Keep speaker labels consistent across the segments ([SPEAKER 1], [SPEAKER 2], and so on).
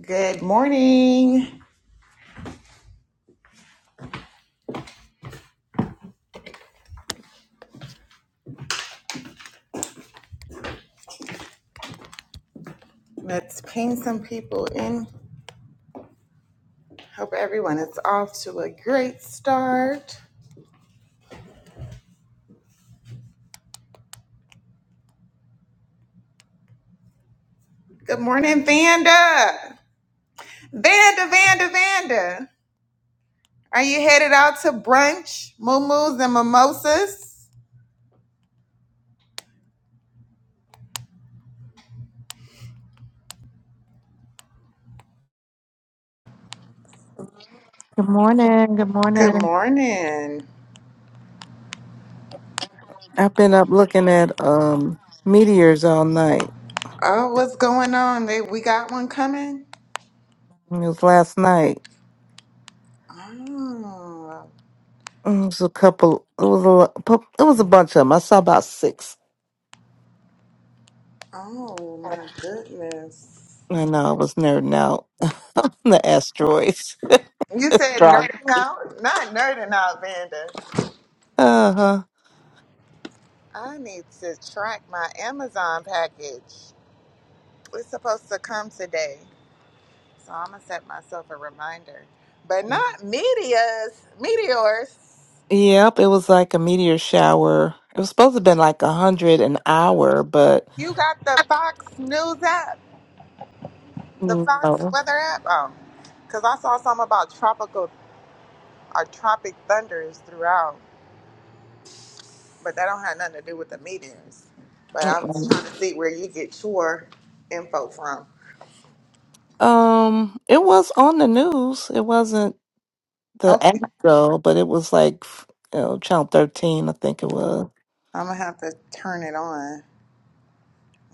[SPEAKER 1] Good morning. Let's ping some people in. Hope everyone is off to a great start. Good morning, Vanda. Vanda, Vanda, Vanda. Are you headed out to brunch, moo and mimosas?
[SPEAKER 2] Good morning. Good
[SPEAKER 1] Good
[SPEAKER 2] morning.
[SPEAKER 1] morning.
[SPEAKER 2] I've been up looking at um meteors all night.
[SPEAKER 1] Oh, what's going on? They, we got one coming?
[SPEAKER 2] It was last night. It was a couple. It was a. lo- pu- It was a bunch of them. I saw about six.
[SPEAKER 1] Oh, oh my goodness.
[SPEAKER 2] I know I was nerding out. the asteroids.
[SPEAKER 1] You said
[SPEAKER 2] Right.
[SPEAKER 1] nerding out? Not nerding out, Vanda.
[SPEAKER 2] Uh huh.
[SPEAKER 1] I need to track my Amazon package. It's supposed to come today. So I'm going to set myself a reminder. But not meteors, meteors.
[SPEAKER 2] Yep. It was like a meteor shower. It was supposed to have been like a hundred an hour, but
[SPEAKER 1] You got the Fox News app, the Fox
[SPEAKER 2] no.
[SPEAKER 1] Weather app. Oh, because I saw something about tropical or tropic thunders throughout, but that don't have nothing to do with the meteors. But I'm just
[SPEAKER 2] Mm-mm.
[SPEAKER 1] trying to see where you get your info from.
[SPEAKER 2] Um, it was on the news. It wasn't. the
[SPEAKER 1] Okay,
[SPEAKER 2] app though, but it was like you know, channel thirteen, I think it was.
[SPEAKER 1] I'm gonna have to turn it on.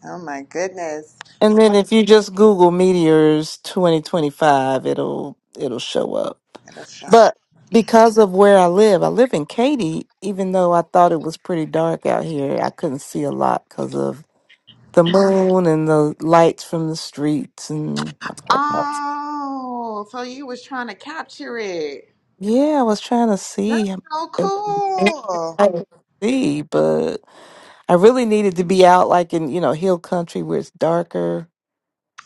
[SPEAKER 1] Oh my goodness.
[SPEAKER 2] And then if you just Google meteors twenty twenty five, it'll it'll show up.
[SPEAKER 1] That'll show.
[SPEAKER 2] But because of where I live, I live in Katy. Even though I thought it was pretty dark out here, I couldn't see a lot because of the moon and the lights from the streets and
[SPEAKER 1] Oh, so you was trying to capture it.
[SPEAKER 2] yeah, I was trying to
[SPEAKER 1] That's
[SPEAKER 2] see. if-
[SPEAKER 1] so cool.
[SPEAKER 2] I could see, but I really needed to be out, like in you know hill country where it's darker.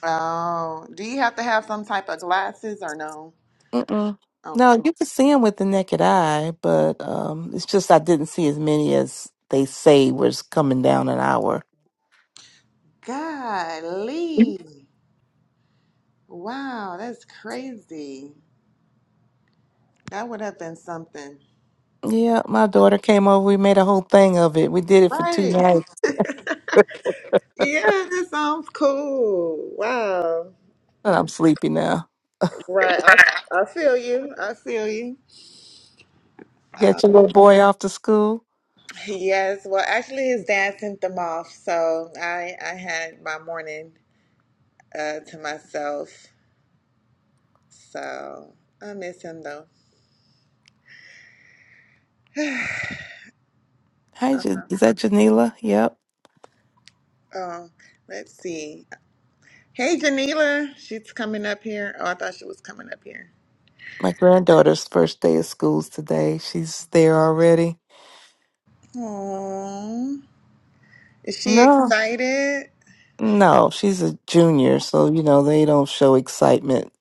[SPEAKER 1] Oh, do you have to have some type of glasses or no?
[SPEAKER 2] Mm-mm.
[SPEAKER 1] Okay.
[SPEAKER 2] No, you can see them with the naked eye, but um, it's just I didn't see as many as they say was coming down an hour. Mhm.
[SPEAKER 1] Golly. Wow, that's crazy. That would have been something.
[SPEAKER 2] Yeah, my daughter came over. We made a whole thing of it. We did it for two
[SPEAKER 1] Right.
[SPEAKER 2] nights.
[SPEAKER 1] Yeah, that sounds cool. Wow.
[SPEAKER 2] But I'm sleepy now.
[SPEAKER 1] Right. I, I feel you. I feel you.
[SPEAKER 2] You
[SPEAKER 1] Uh,
[SPEAKER 2] got your little boy off to school.
[SPEAKER 1] yes. Well, actually, his dad sent them off, so I I had my morning uh, to myself. So I miss him though.
[SPEAKER 2] Hi,
[SPEAKER 1] Uh,
[SPEAKER 2] Ja- is that Janila? Yep.
[SPEAKER 1] oh, let's see. Hey, Janila, she's coming up here. Oh, I thought she was coming up here.
[SPEAKER 2] My granddaughter's first day of school's today. She's there already.
[SPEAKER 1] Oh, is she
[SPEAKER 2] No.
[SPEAKER 1] excited?
[SPEAKER 2] No, she's a junior, so you know they don't show excitement.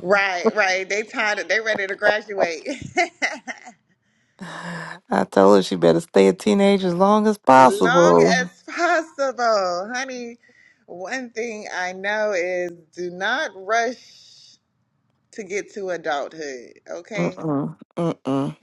[SPEAKER 1] Right, right. They tired. They ready to graduate.
[SPEAKER 2] I told her she better stay a teenager as long as
[SPEAKER 1] Long
[SPEAKER 2] possible.
[SPEAKER 1] as possible, honey. One thing I know is do not rush to get to adulthood. Okay.
[SPEAKER 2] Mm-mm, mm-mm.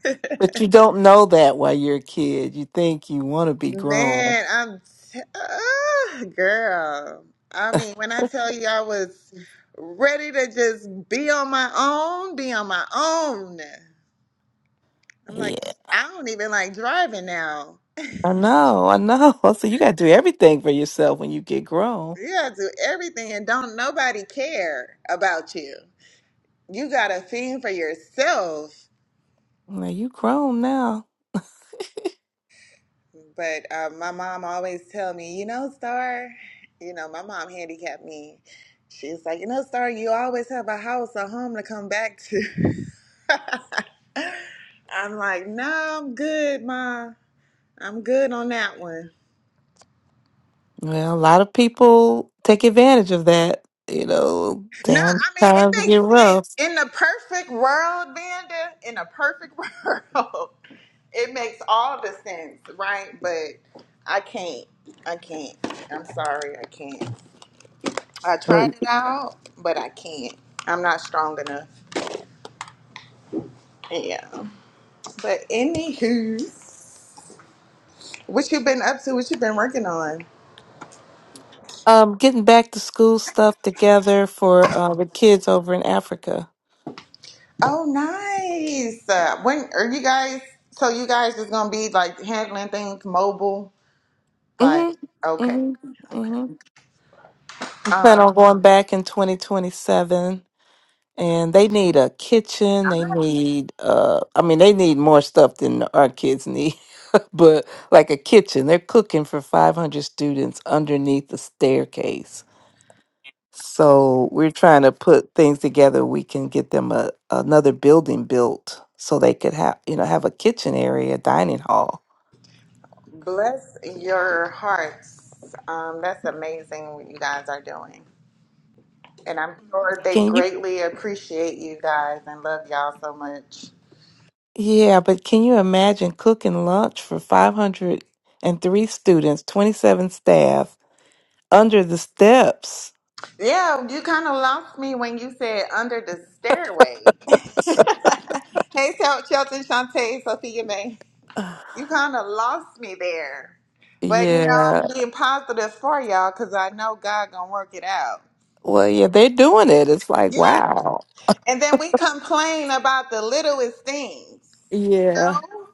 [SPEAKER 2] But you don't know that while you're a kid. You think you want to be grown.
[SPEAKER 1] Man, I'm t- ah, girl. I mean, when I tell you I was ready to just be on my own, be on my own. I'm
[SPEAKER 2] Yeah,
[SPEAKER 1] like, I don't even like driving now.
[SPEAKER 2] I know, I know. So you got to do everything for yourself when you get grown.
[SPEAKER 1] You gotta do everything and don't nobody care about you. You gotta fend for yourself.
[SPEAKER 2] Now you grown now.
[SPEAKER 1] But uh, my mom always tell me, you know, Star, you know, my mom handicapped me. She's like, you know, Star, you always have a house, a home to come back to. I'm like, no, I'm good, Ma. I'm good on that one.
[SPEAKER 2] Well, a lot of people take advantage of that. You know,
[SPEAKER 1] No,
[SPEAKER 2] damn
[SPEAKER 1] I mean, it
[SPEAKER 2] times
[SPEAKER 1] makes
[SPEAKER 2] get
[SPEAKER 1] sense.
[SPEAKER 2] rough.
[SPEAKER 1] In the perfect world, Vanda, in a perfect world, it makes all the sense, right? But I can't. I can't. I'm sorry, I can't. I tried it out, but I can't. I'm not strong enough. Yeah. But anywho, what you been up to? What you been working on?
[SPEAKER 2] Um, getting back to school stuff together for uh, the kids over in Africa.
[SPEAKER 1] Oh, nice. Uh, when are you guys? So you guys is gonna be like handling things mobile? Like,
[SPEAKER 2] Mm-hmm.
[SPEAKER 1] okay,
[SPEAKER 2] Mm-hmm.
[SPEAKER 1] okay.
[SPEAKER 2] Mm-hmm. We plan
[SPEAKER 1] Um,
[SPEAKER 2] on going back in 2027, and they need a kitchen. They need, uh, I mean, they need more stuff than our kids need, but like a kitchen. They're cooking for 500 students underneath the staircase. So we're trying to put things together. We can get them a another building built so they could have, you know, have a kitchen area, dining hall
[SPEAKER 1] bless your hearts. Um, that's amazing what you guys are doing, and I'm sure they
[SPEAKER 2] Can you,
[SPEAKER 1] greatly appreciate you guys and love y'all so much.
[SPEAKER 2] yeah, but can you imagine cooking lunch for 503 students, 27 staff under the steps?
[SPEAKER 1] Yeah, you kind of lost me when you said under the stairway. hey, Sel- Shelton, Shantae, Sophia May.
[SPEAKER 2] Ugh.
[SPEAKER 1] You kind of lost me there. But, you know,
[SPEAKER 2] Yeah.
[SPEAKER 1] I'm being positive for y'all because I know God going to work it out.
[SPEAKER 2] Well, yeah, they're doing it. It's like,
[SPEAKER 1] Yeah.
[SPEAKER 2] wow.
[SPEAKER 1] And then we complain about the littlest things.
[SPEAKER 2] Yeah.
[SPEAKER 1] No.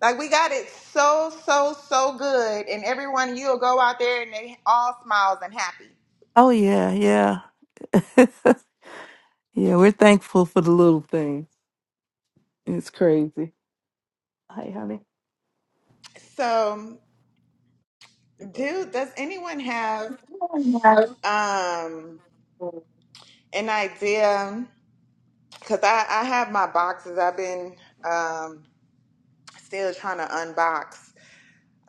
[SPEAKER 1] Like, we got it so, so, so good. And everyone, you'll go out there and they all smiles and happy.
[SPEAKER 2] Oh, yeah, yeah. yeah, we're thankful for the little things. It's crazy. Hey, honey.
[SPEAKER 1] So, dude, does anyone have Um, an idea because I, I have my boxes. I've been um, still trying to unbox.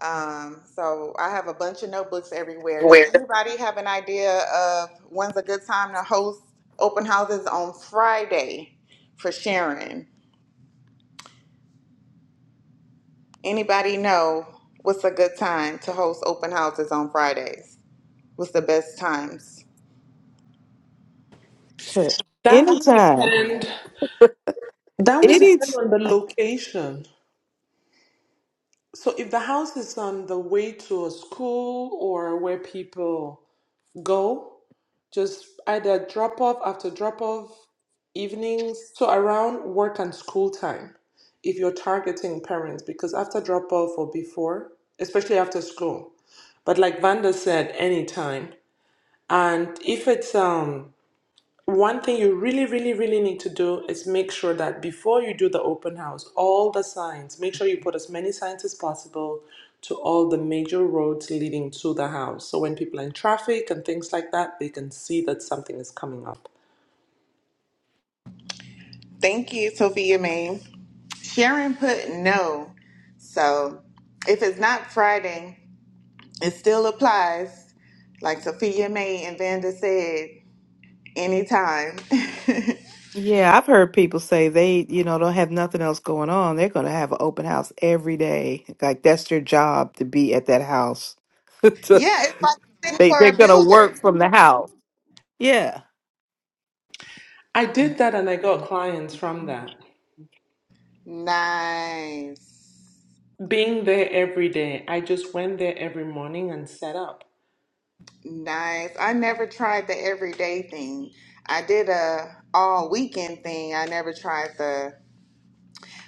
[SPEAKER 1] Um, so I have a bunch of notebooks everywhere. Does
[SPEAKER 2] Where?
[SPEAKER 1] anybody have an idea of when's a good time to host open houses on Friday for sharing? Anybody know what's a good time to host open houses on Fridays? What's the best times?
[SPEAKER 3] That would
[SPEAKER 2] Anytime.
[SPEAKER 3] depend. That would
[SPEAKER 2] Anytime.
[SPEAKER 3] depend on the location. So if the house is on the way to a school or where people go, just either drop off after drop off evenings, so around work and school time, if you're targeting parents, because after drop off or before, especially after school. But like Vanda said, anytime. And if it's um One thing you really, really, really need to do is make sure that before you do the open house, all the signs, make sure you put as many signs as possible to all the major roads leading to the house. So when people are in traffic and things like that, they can see that something is coming up.
[SPEAKER 1] Thank you, Sophia Mae. Sharon put no. So if it's not Friday, it still applies. Like Sophia May and Vanda said, anytime. yeah,
[SPEAKER 2] Yeah, I've heard people say they, you know, don't have nothing else going on. They're going to have an open house every day. Like that's their job to be at that house. To-
[SPEAKER 1] it's like sitting
[SPEAKER 2] they
[SPEAKER 1] for
[SPEAKER 2] they're
[SPEAKER 1] a
[SPEAKER 2] going to work
[SPEAKER 1] builder.
[SPEAKER 2] from the house. Yeah.
[SPEAKER 3] I did that and I got clients from that.
[SPEAKER 1] Nice.
[SPEAKER 3] Being there every day, I just went there every morning and set up.
[SPEAKER 1] Nice. I never tried the everyday thing. I did a all weekend thing. I never tried the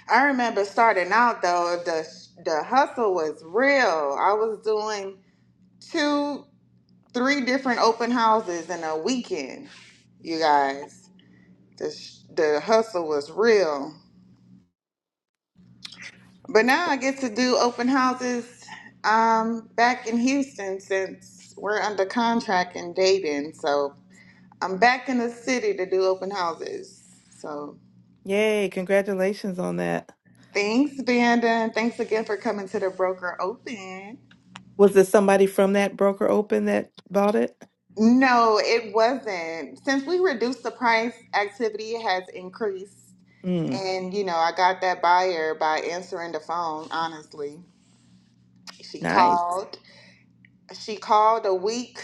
[SPEAKER 1] I remember starting out though, the the hustle was real. I was doing two. three different open houses in a weekend. You guys, the sh- the hustle was real. But now I get to do open houses um back in Houston since we're under contract in Dayton. So I'm back in the city to do open houses. So
[SPEAKER 2] Yay, congratulations on that.
[SPEAKER 1] thanks, Vanda, and thanks again for coming to the broker open.
[SPEAKER 2] Was it somebody from that broker open that bought it?
[SPEAKER 1] No, it wasn't. Since we reduced the price, activity has increased.
[SPEAKER 2] Mm,
[SPEAKER 1] And you know, I got that buyer by answering the phone, honestly. She
[SPEAKER 2] nice.
[SPEAKER 1] called. She called a week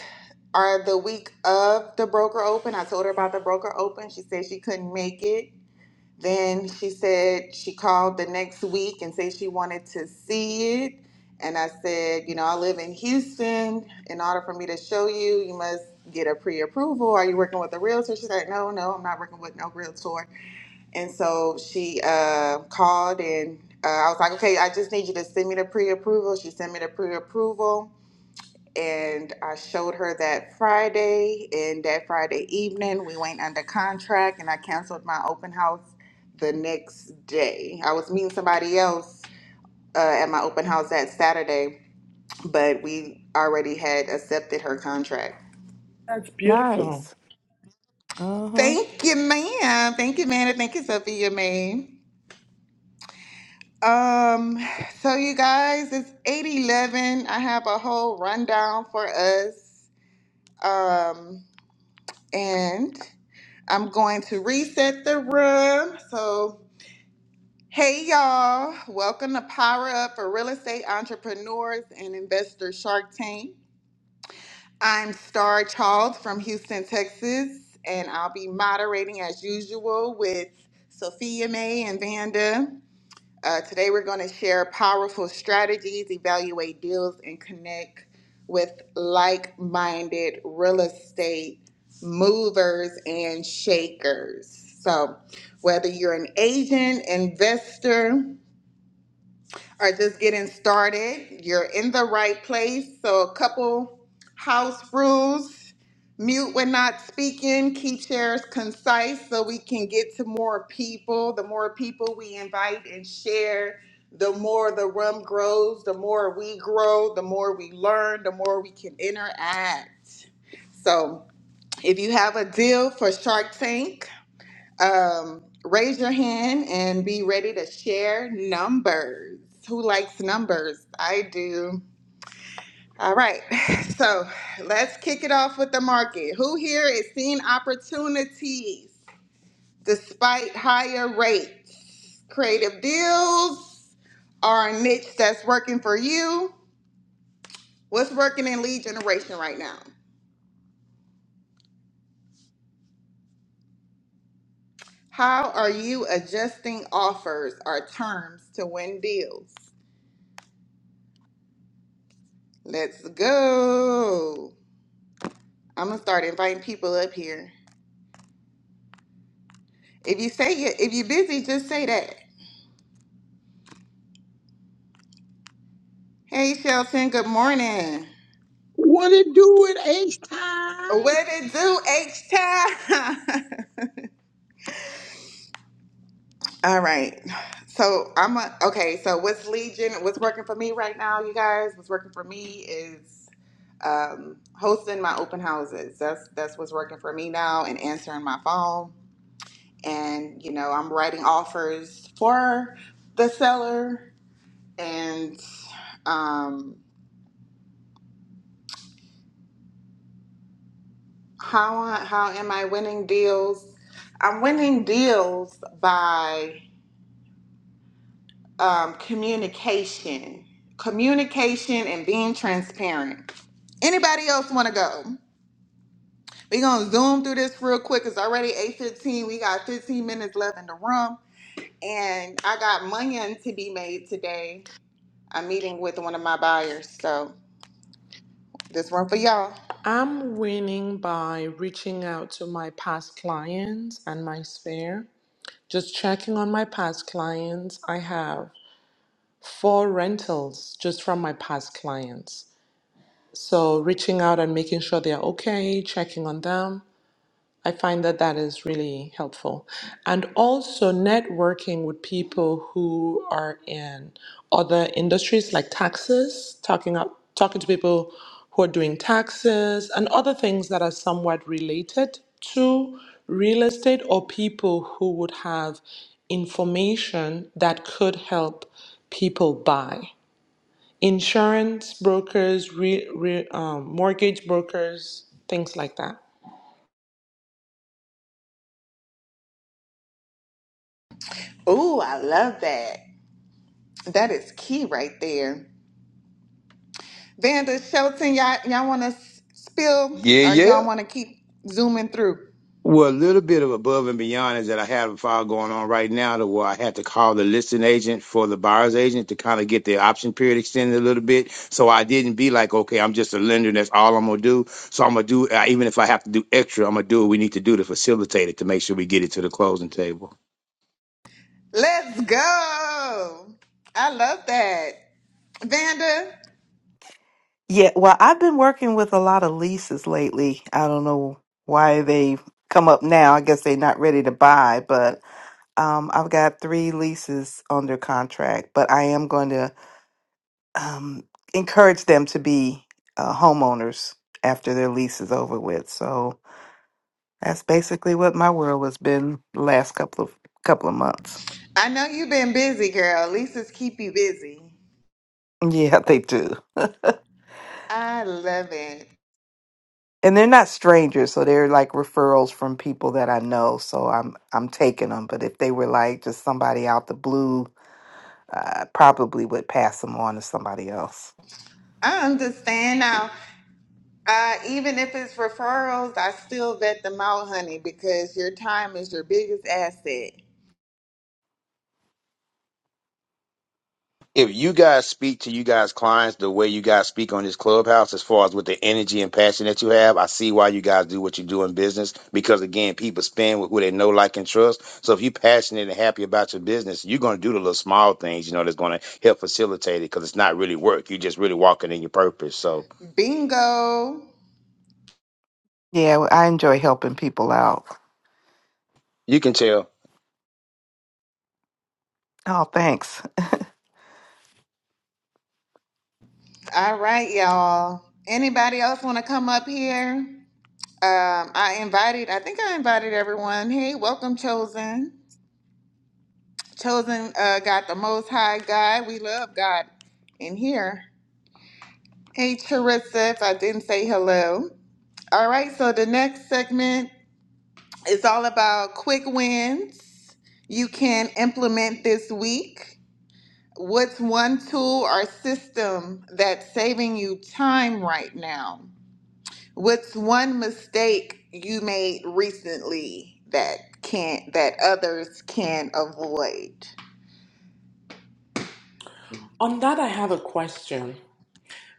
[SPEAKER 1] or the week of the broker open. I told her about the broker open. She said she couldn't make it. Then she said she called the next week and said she wanted to see it. And I said, you know, I live in Houston. In order for me to show you, you must get a pre-approval. Are you working with a realtor? She's like, no, no, I'm not working with no realtor. And so she uh, called and uh, I was like, okay, I just need you to send me the pre approval. She sent me the pre approval. And I showed her that Friday. And that Friday evening, we went under contract and I canceled my open house the next day. I was meeting somebody else uh, at my open house that Saturday, but we already had accepted her contract.
[SPEAKER 3] That's beautiful.
[SPEAKER 2] Nice. Uh huh.
[SPEAKER 1] Thank you, ma'am. Thank you, man. And thank you, Sophia, ma'am. Um, so you guys, it's 811. I have a whole rundown for us. Um, and I'm going to reset the room. So, hey y'all, welcome to Power Up for Real Estate Entrepreneurs and Investor Shark Tank. I'm Star Charles from Houston, Texas, and I'll be moderating as usual with Sophia May and Vanda. Uh, today, we're going to share powerful strategies, evaluate deals, and connect with like minded real estate movers and shakers. So, whether you're an agent, investor, are just getting started, you're in the right place. So, a couple house rules mute when not speaking, keep shares concise so we can get to more people. The more people we invite and share, the more the room grows, the more we grow, the more we learn, the more we can interact. So, if you have a deal for Shark Tank, um, raise your hand and be ready to share numbers. Who likes numbers? I do. All right, so let's kick it off with the market. Who here is seeing opportunities despite higher rates? Creative deals are a niche that's working for you. What's working in lead generation right now? How are you adjusting offers or terms to win deals? Let's go. I'm gonna start inviting people up here. If you say you if you're busy, just say that. Hey Shelton, good morning.
[SPEAKER 4] What it do with H time?
[SPEAKER 1] What it do, H time? All right. So I'm a, okay. So what's Legion? What's working for me right now, you guys? What's working for me is um, hosting my open houses. That's that's what's working for me now, and answering my phone. And you know, I'm writing offers for the seller, and um, How I- how am I winning deals? I'm winning deals by um, communication, communication, and being transparent. Anybody else want to go? We're gonna zoom through this real quick. It's already 8:15. We got 15 minutes left in the room, and I got money to be made today. I'm meeting with one of my buyers, so this one for y'all.
[SPEAKER 3] I'm winning by reaching out to my past clients and my sphere Just checking on my past clients, I have four rentals just from my past clients. So reaching out and making sure they're okay, checking on them. I find that that is really helpful. And also networking with people who are in other industries like taxes, talking up, talking to people who are doing taxes and other things that are somewhat related to real estate or people who would have information that could help people buy. Insurance brokers, re, re, um, mortgage brokers, things like that.
[SPEAKER 1] Ooh, I love that. That is key right there. Vanda Shelton, y'all, y'all want to spill
[SPEAKER 4] Yeah,
[SPEAKER 1] or y'all
[SPEAKER 4] yeah.
[SPEAKER 1] want to keep zooming through?
[SPEAKER 4] Well, a little bit of above and beyond is that I have a file going on right now to where I had to call the listing agent for the buyer's agent to kind of get the option period extended a little bit. So I didn't be like, okay, I'm just a lender. That's all I'm going to do. So I'm going to do, uh, even if I have to do extra, I'm going to do what we need to do to facilitate it to make sure we get it to the closing table.
[SPEAKER 1] Let's go. I love that. Vanda,
[SPEAKER 2] Yeah, well, I've been working with a lot of leases lately. I don't know why they come up now. I guess they're not ready to buy, but um, I've got three leases under contract, but I am going to um, encourage them to be uh, homeowners after their lease is over with. So that's basically what my world has been the last couple of couple of months.
[SPEAKER 1] I know you've been busy, girl. Lisa's keep you busy.
[SPEAKER 2] Yeah, they do.
[SPEAKER 1] I love it.
[SPEAKER 2] and they're not strangers, so they're like referrals from people that I know. So I'm I'm taking them. But if they were like just somebody out the blue, I probably would pass them on to somebody else.
[SPEAKER 1] I understand now. Uh, even if it's referrals, I still vet them out, honey, because your time is your biggest asset.
[SPEAKER 4] if you guys speak to you guys clients the way you guys speak on this clubhouse as far as with the energy and passion that you have i see why you guys do what you do in business because again people spend with who they know like and trust so if you're passionate and happy about your business you're going to do the little small things you know that's going to help facilitate it because it's not really work you're just really walking in your purpose so
[SPEAKER 1] Bingo.
[SPEAKER 2] Yeah, well, I enjoy helping people out.
[SPEAKER 4] you can tell
[SPEAKER 2] Oh, thanks.
[SPEAKER 1] All right, y'all. Anybody else want to come up here? Um, I invited, I think I invited everyone. Hey, welcome, Chosen. Chosen uh, got the most high God. We love God in here. Hey, Charissa, if I didn't say hello. All right, so the next segment is all about quick wins you can implement this week. What's one tool or system that's saving you time right now? What's one mistake you made recently that can't that others can avoid?
[SPEAKER 3] On that, I have a question.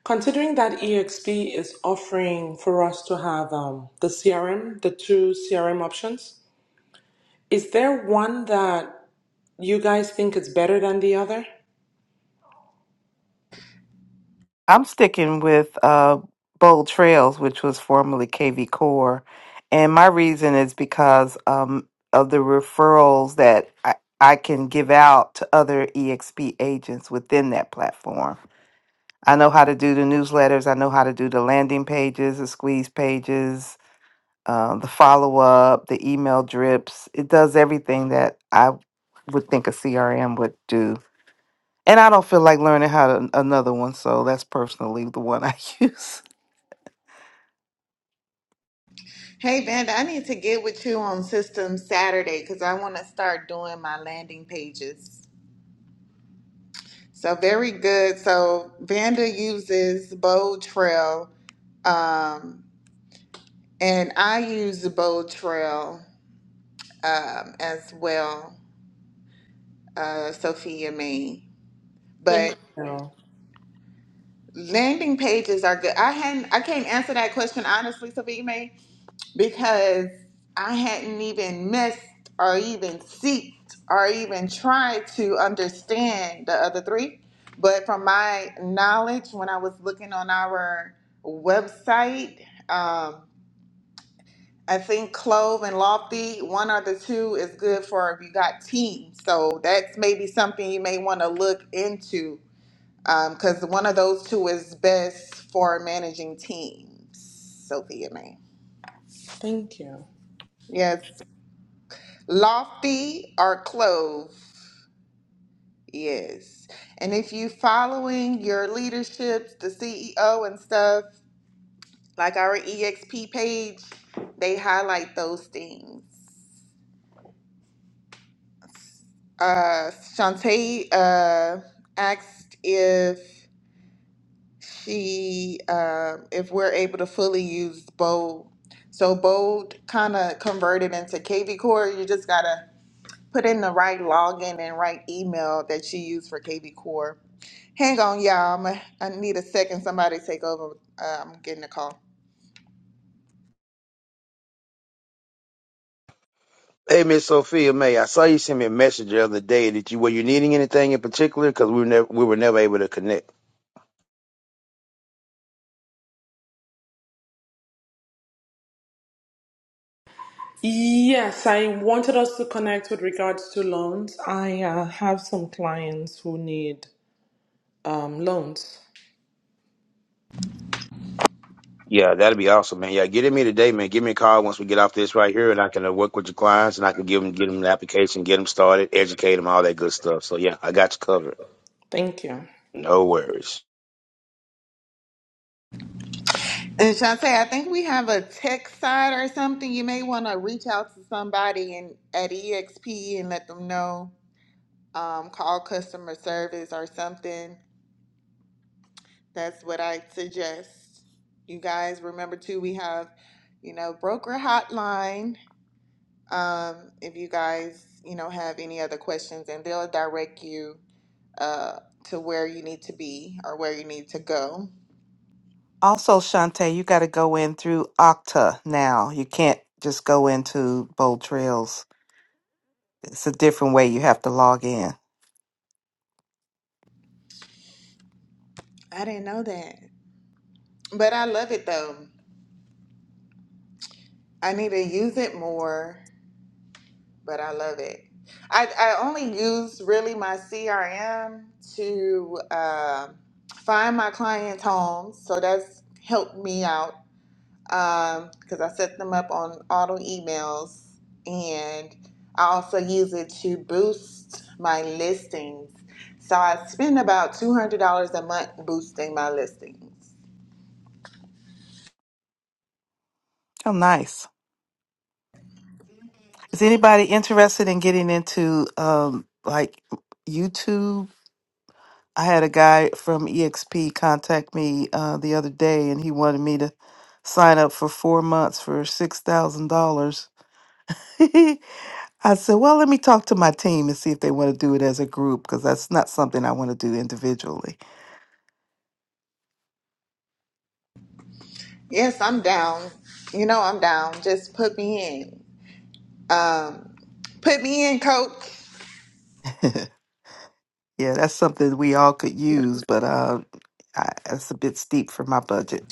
[SPEAKER 3] Considering that EXP is offering for us to have um, the CRM, the two CRM options, is there one that you guys think is better than the other?
[SPEAKER 2] I'm sticking with uh, Bold Trails, which was formerly KV Core, and my reason is because um, of the referrals that I, I can give out to other EXP agents within that platform I know how to do the newsletters. I know how to do the landing pages, the squeeze pages, uh, the follow up, the email drips. It does everything that I would think a CRM would do. And I don't feel like learning how to another one, so that's personally the one I use.
[SPEAKER 1] Hey Vanda, I need to get with you on System Saturday because I want to start doing my landing pages. So very good. So Vanda uses Bold Trail, um, and I use Bold Trail um, as well, uh, Sophia May.
[SPEAKER 3] Thank
[SPEAKER 1] But
[SPEAKER 3] you.
[SPEAKER 1] Landing pages are good. I hadn't I can't answer that question honestly, Savita Mae, because I hadn't even missed or even seeked or even tried to understand the other three. But from my knowledge, when I was looking on our website, um, I think Clove and Lofty, one or the two is good for if you got teams. So that's maybe something you may want to look into because one of those two is best for managing teams. Sophia May.
[SPEAKER 3] Thank you.
[SPEAKER 1] Yes. Lofty or Clove. Yes. And if you following your leaderships, the CEO and stuff, like our EXP page, they highlight those things. Uh Shantae uh asked if she um, if we're able to fully use bold so bold kind of converted into kv core you just gotta put in the right login and right email that you use for kv core hang on y'all I'm a, i need a second somebody take over uh, i'm getting a call
[SPEAKER 4] Hey, Miss Sophia May, I saw you send me a message the other day. Did you were you needing anything in particular? Because we were never we were never able to connect.
[SPEAKER 3] Yes, I wanted us to connect with regards to loans. I uh, have some clients who need um, loans.
[SPEAKER 4] Yeah, that'd be awesome, man. Yeah, get in me today, man. Give me a call once we get off this right here, and I can uh, work with your clients, and I can give them get them an application, get them started, educate them, all that good stuff. So yeah, I got you covered.
[SPEAKER 3] Thank you.
[SPEAKER 4] No worries.
[SPEAKER 1] and Shantae, I think we have a tech side or something. You may want to reach out to somebody in, at EXP and let them know. Um, call customer service or something That's what I suggest. You guys remember too, we have, you know, broker hotline. Um, if you guys, you know, have any other questions, and they'll direct you uh, to where you need to be or where you need to go.
[SPEAKER 2] Also, Shantae, you got to go in through Okta now. You can't just go into Bold Trails. It's a different way you have to log in.
[SPEAKER 1] I didn't know that, but I love it though. I need to use it more, but I love it. I, I only use really my CRM to uh, find my clients' homes, so that's helped me out because um, I set them up on auto emails and I also use it to boost my listings. So I spend about $200 a month boosting my listings.
[SPEAKER 2] Oh, nice. Is anybody interested in getting into um like YouTube? I had a guy from EXP contact me uh, the other day, and he wanted me to sign up for four months for six thousand dollars. I said, "Well, let me talk to my team and see if they want to do it as a group, because that's not something I want to do individually."
[SPEAKER 1] Yes, I'm down. You know, I'm down. Just put me in. Um, put me in, coach.
[SPEAKER 2] yeah, that's something we all could use, but uh, I, it's a bit steep for my budget.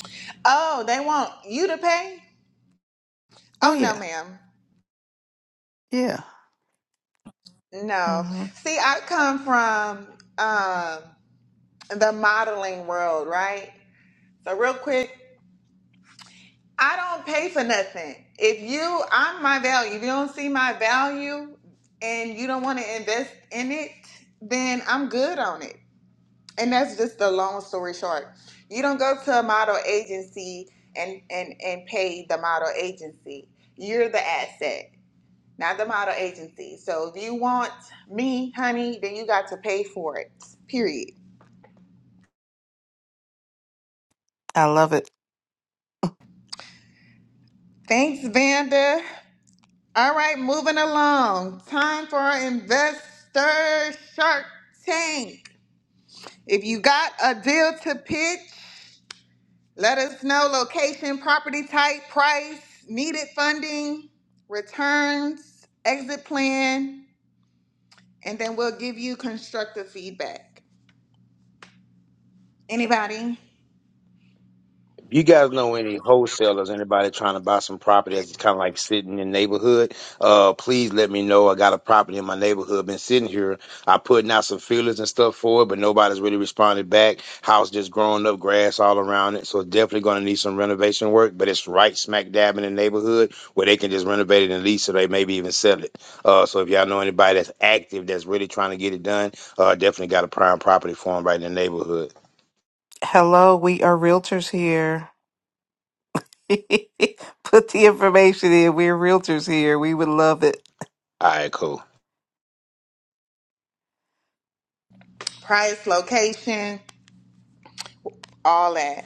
[SPEAKER 1] Oh, they want you to pay?
[SPEAKER 2] Oh
[SPEAKER 1] Oh, no,
[SPEAKER 2] yeah,
[SPEAKER 1] ma'am.
[SPEAKER 2] yeah,
[SPEAKER 1] No.
[SPEAKER 2] hmm
[SPEAKER 1] See, I come from um, the modeling world, right? So, real quick, I don't pay for nothing. If you, I'm my value. If you don't see my value and you don't want to invest in it, then I'm good on it. And that's just the long story short. You don't go to a model agency and and and pay the model agency. You're the asset, not the model agency. So if you want me, honey, then you got to pay for it. Period.
[SPEAKER 2] I love it.
[SPEAKER 1] Thanks, Vanda. All right, moving along. Time for our investor shark tank. If you got a deal to pitch, let us know location, property type, price, needed funding, returns, exit plan, and then we'll give you constructive feedback. Anybody?
[SPEAKER 4] You guys know any wholesalers, anybody trying to buy some property that's kind of like sitting in the neighborhood? Uh, please let me know. I got a property in my neighborhood, been sitting here. I putting out some feelers and stuff for it, but nobody's really responded back. House just growing up, grass all around it, so it's definitely going to need some renovation work. But it's right smack dab in the neighborhood where they can just renovate it and lease it, or they maybe even sell it. Uh, so if y'all know anybody that's active that's really trying to get it done, uh, definitely got a prime property for them right in the neighborhood.
[SPEAKER 2] Hello, we are realtors here. Put the information in. We're realtors here. We would love it.
[SPEAKER 4] All right, cool.
[SPEAKER 1] Price, location, all that.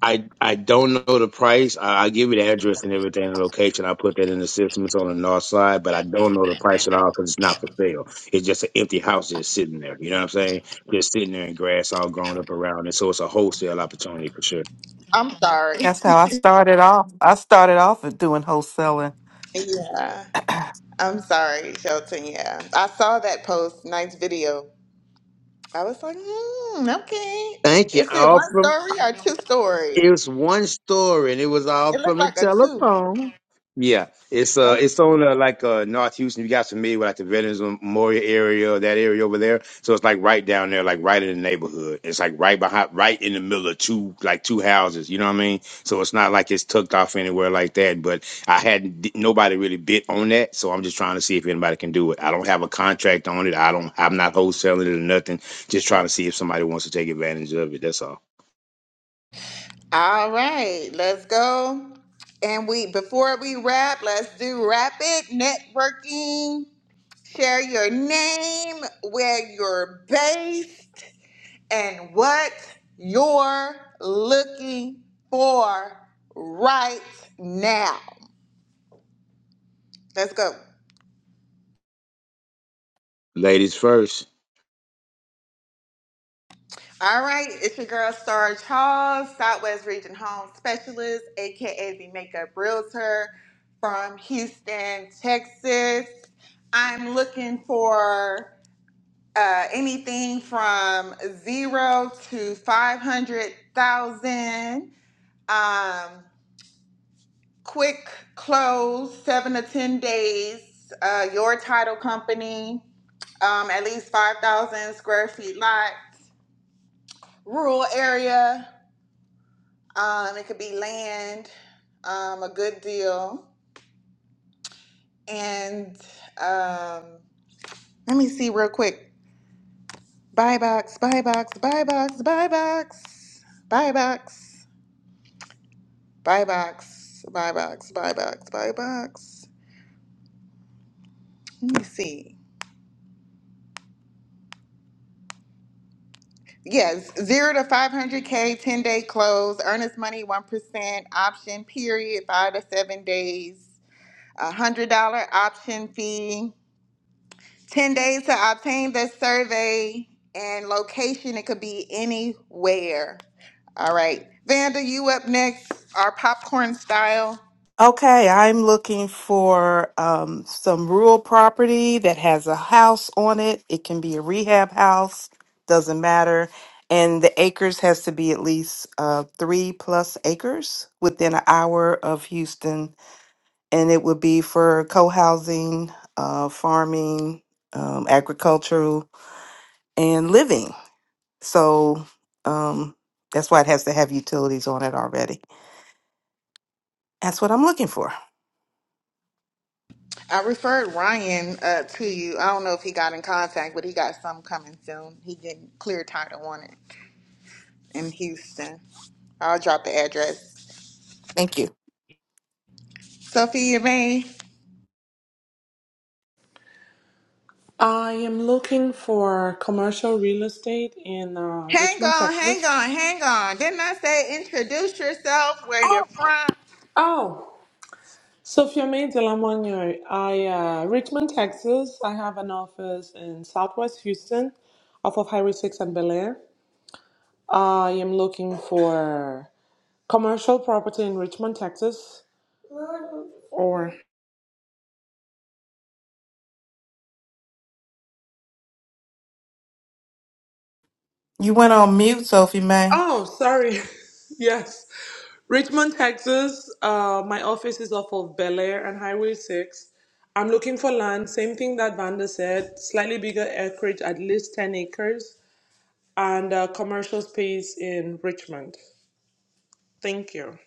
[SPEAKER 4] I I don't know the price. I, i give you the address and everything and location. I put that in the system. It's on the north side, but I don't know the price at all because it's not for sale. It's just an empty house just sitting there. You know what I'm saying? Just sitting there in grass all grown up around it. So it's a wholesale opportunity for sure.
[SPEAKER 1] I'm sorry.
[SPEAKER 2] That's how I started off. I started off with doing wholesaling.
[SPEAKER 1] Yeah. I'm sorry, Shelton. Yeah. I saw that post. Nice video. I was like, hmm, okay.
[SPEAKER 4] Thank you.
[SPEAKER 1] Is it one
[SPEAKER 4] Awesome.
[SPEAKER 1] story or two story?
[SPEAKER 4] It was one story, and it was all
[SPEAKER 1] It looked
[SPEAKER 4] from the
[SPEAKER 1] like a two.
[SPEAKER 4] telephone. Yeah, it's uh,
[SPEAKER 1] Okay.
[SPEAKER 4] it's on uh, like uh, North Houston. You guys familiar with like the Veterans Memorial area, that area over there? So it's like right down there, like right in the neighborhood. It's like right behind, right in the middle of two, like two houses. You know what I mean? So it's not like it's tucked off anywhere like that. But I hadn't di- nobody really bit on that, so I'm just trying to see if anybody can do it. I don't have a contract on it. I don't. I'm not wholesaling it or nothing. Just trying to see if somebody wants to take advantage of it. That's all.
[SPEAKER 1] All right, let's go. And we before we wrap, let's do rapid networking. Share your name, where you're based, and what you're looking for right now. Let's go.
[SPEAKER 4] Ladies first.
[SPEAKER 1] All right, it's your girl Sarge Hall, Southwest Region Home Specialist, aka the Makeup Realtor from Houston, Texas. I'm looking for uh, anything from zero to five hundred thousand. Um, quick close, seven to ten days. Uh, your title company, um, at least five thousand square feet lot, rural area. Um, it could be land, um, a good deal, and um, let me see real quick. Buy box, buy box, buy box, buy box, buy box, buy box, buy box, buy box, buy box. Let me see. Yes, zero to 500K, 10 day close, earnest money 1%, option period, five to seven days, a $100 option fee. 10 days to obtain the survey and location. It could be anywhere. All right. Vanda, you up next, our popcorn style.
[SPEAKER 2] Okay, I'm looking for um, some rural property that has a house on it. It can be a rehab house, doesn't matter. And the acres has to be at least uh, three plus acres within an hour of Houston and it would be for co-housing, uh, farming, um, agricultural, and living. So um, that's why it has to have utilities on it already. That's what I'm looking for.
[SPEAKER 1] I referred Ryan uh, to you. I don't know if he got in contact, but he got some coming soon. He getting clear title on it in Houston. I'll drop the address.
[SPEAKER 2] Thank you.
[SPEAKER 1] Sophia May.
[SPEAKER 3] I am looking for commercial real estate in uh,
[SPEAKER 1] Hang
[SPEAKER 3] Richmond,
[SPEAKER 1] on, hang
[SPEAKER 3] Texas.
[SPEAKER 1] on, hang on. Didn't I say introduce yourself, where you're from?
[SPEAKER 3] Oh, Sophia May Delamagno. I uh, Richmond, Texas. I have an office in Southwest Houston, off of Highway 6 and Bel Air. I am looking for commercial property in Richmond, Texas. Or
[SPEAKER 2] You went on mute, Sophie May.
[SPEAKER 3] oh, sorry, yes, Richmond, Texas. Uh, my office is off of Bel Air and Highway 6. I'm looking for land, same thing that Vanda said, slightly bigger acreage, at least 10 acres, and uh, commercial space in Richmond. Thank you.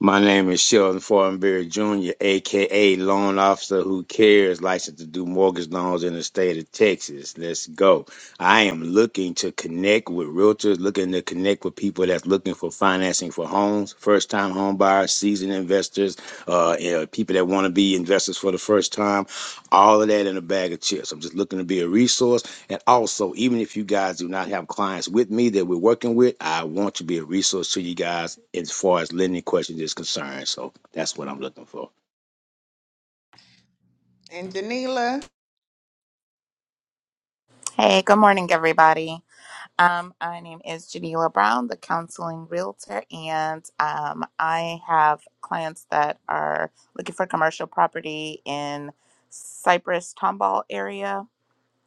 [SPEAKER 4] My name is Sheldon Fortenberry Jr., aka Loan Officer Who Cares, licensed to do mortgage loans in the state of Texas. Let's go. I am looking to connect with realtors, looking to connect with people that's looking for financing for homes, first time home buyers, seasoned investors, uh, you know, people that want to be investors for the first time, all of that in a bag of chips. I'm just looking to be a resource and also, even if you guys do not have clients with me that we're working with, I want to be a resource to you guys as far as lending questions is concerned. So that's what I'm looking for.
[SPEAKER 1] And Janila,
[SPEAKER 5] Hey, good morning, everybody. Um, my name is Janila Brown, the counseling realtor, and um, I have clients that are looking for commercial property in Cypress Tomball area.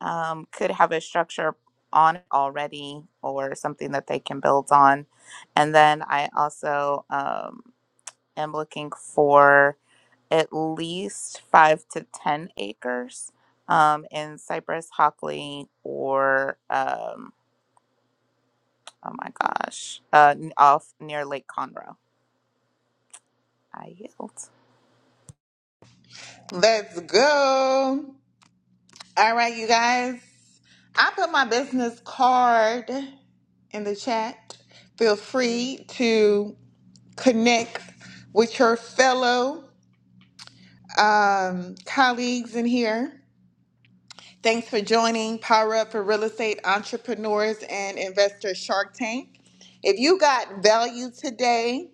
[SPEAKER 5] Um, could have a structure on it already or something that they can build on, and then I also um, am looking for at least five to 10 acres um, in Cypress, Hockley, or um, oh my gosh, uh, n- off near Lake Conroe. I yield.
[SPEAKER 1] let's go. All right, you guys. I put my business card in the chat. Feel free to connect with your fellow um, colleagues in here. Thanks for joining Power Up for Real Estate Entrepreneurs and Investors Shark Tank. If you got value today,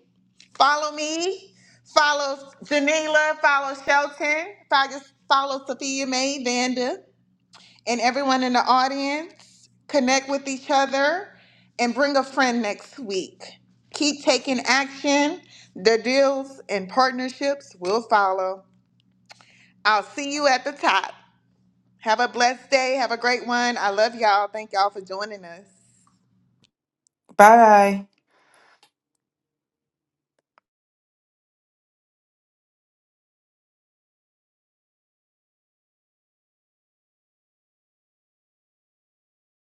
[SPEAKER 1] follow me, follow Janila, follow Shelton, follow, follow Sophia May Vanda. And everyone in the audience, connect with each other and bring a friend next week. Keep taking action. The deals and partnerships will follow. I'll see you at the top. Have a blessed day. Have a great one. I love y'all. Thank y'all for joining us.
[SPEAKER 2] Bye.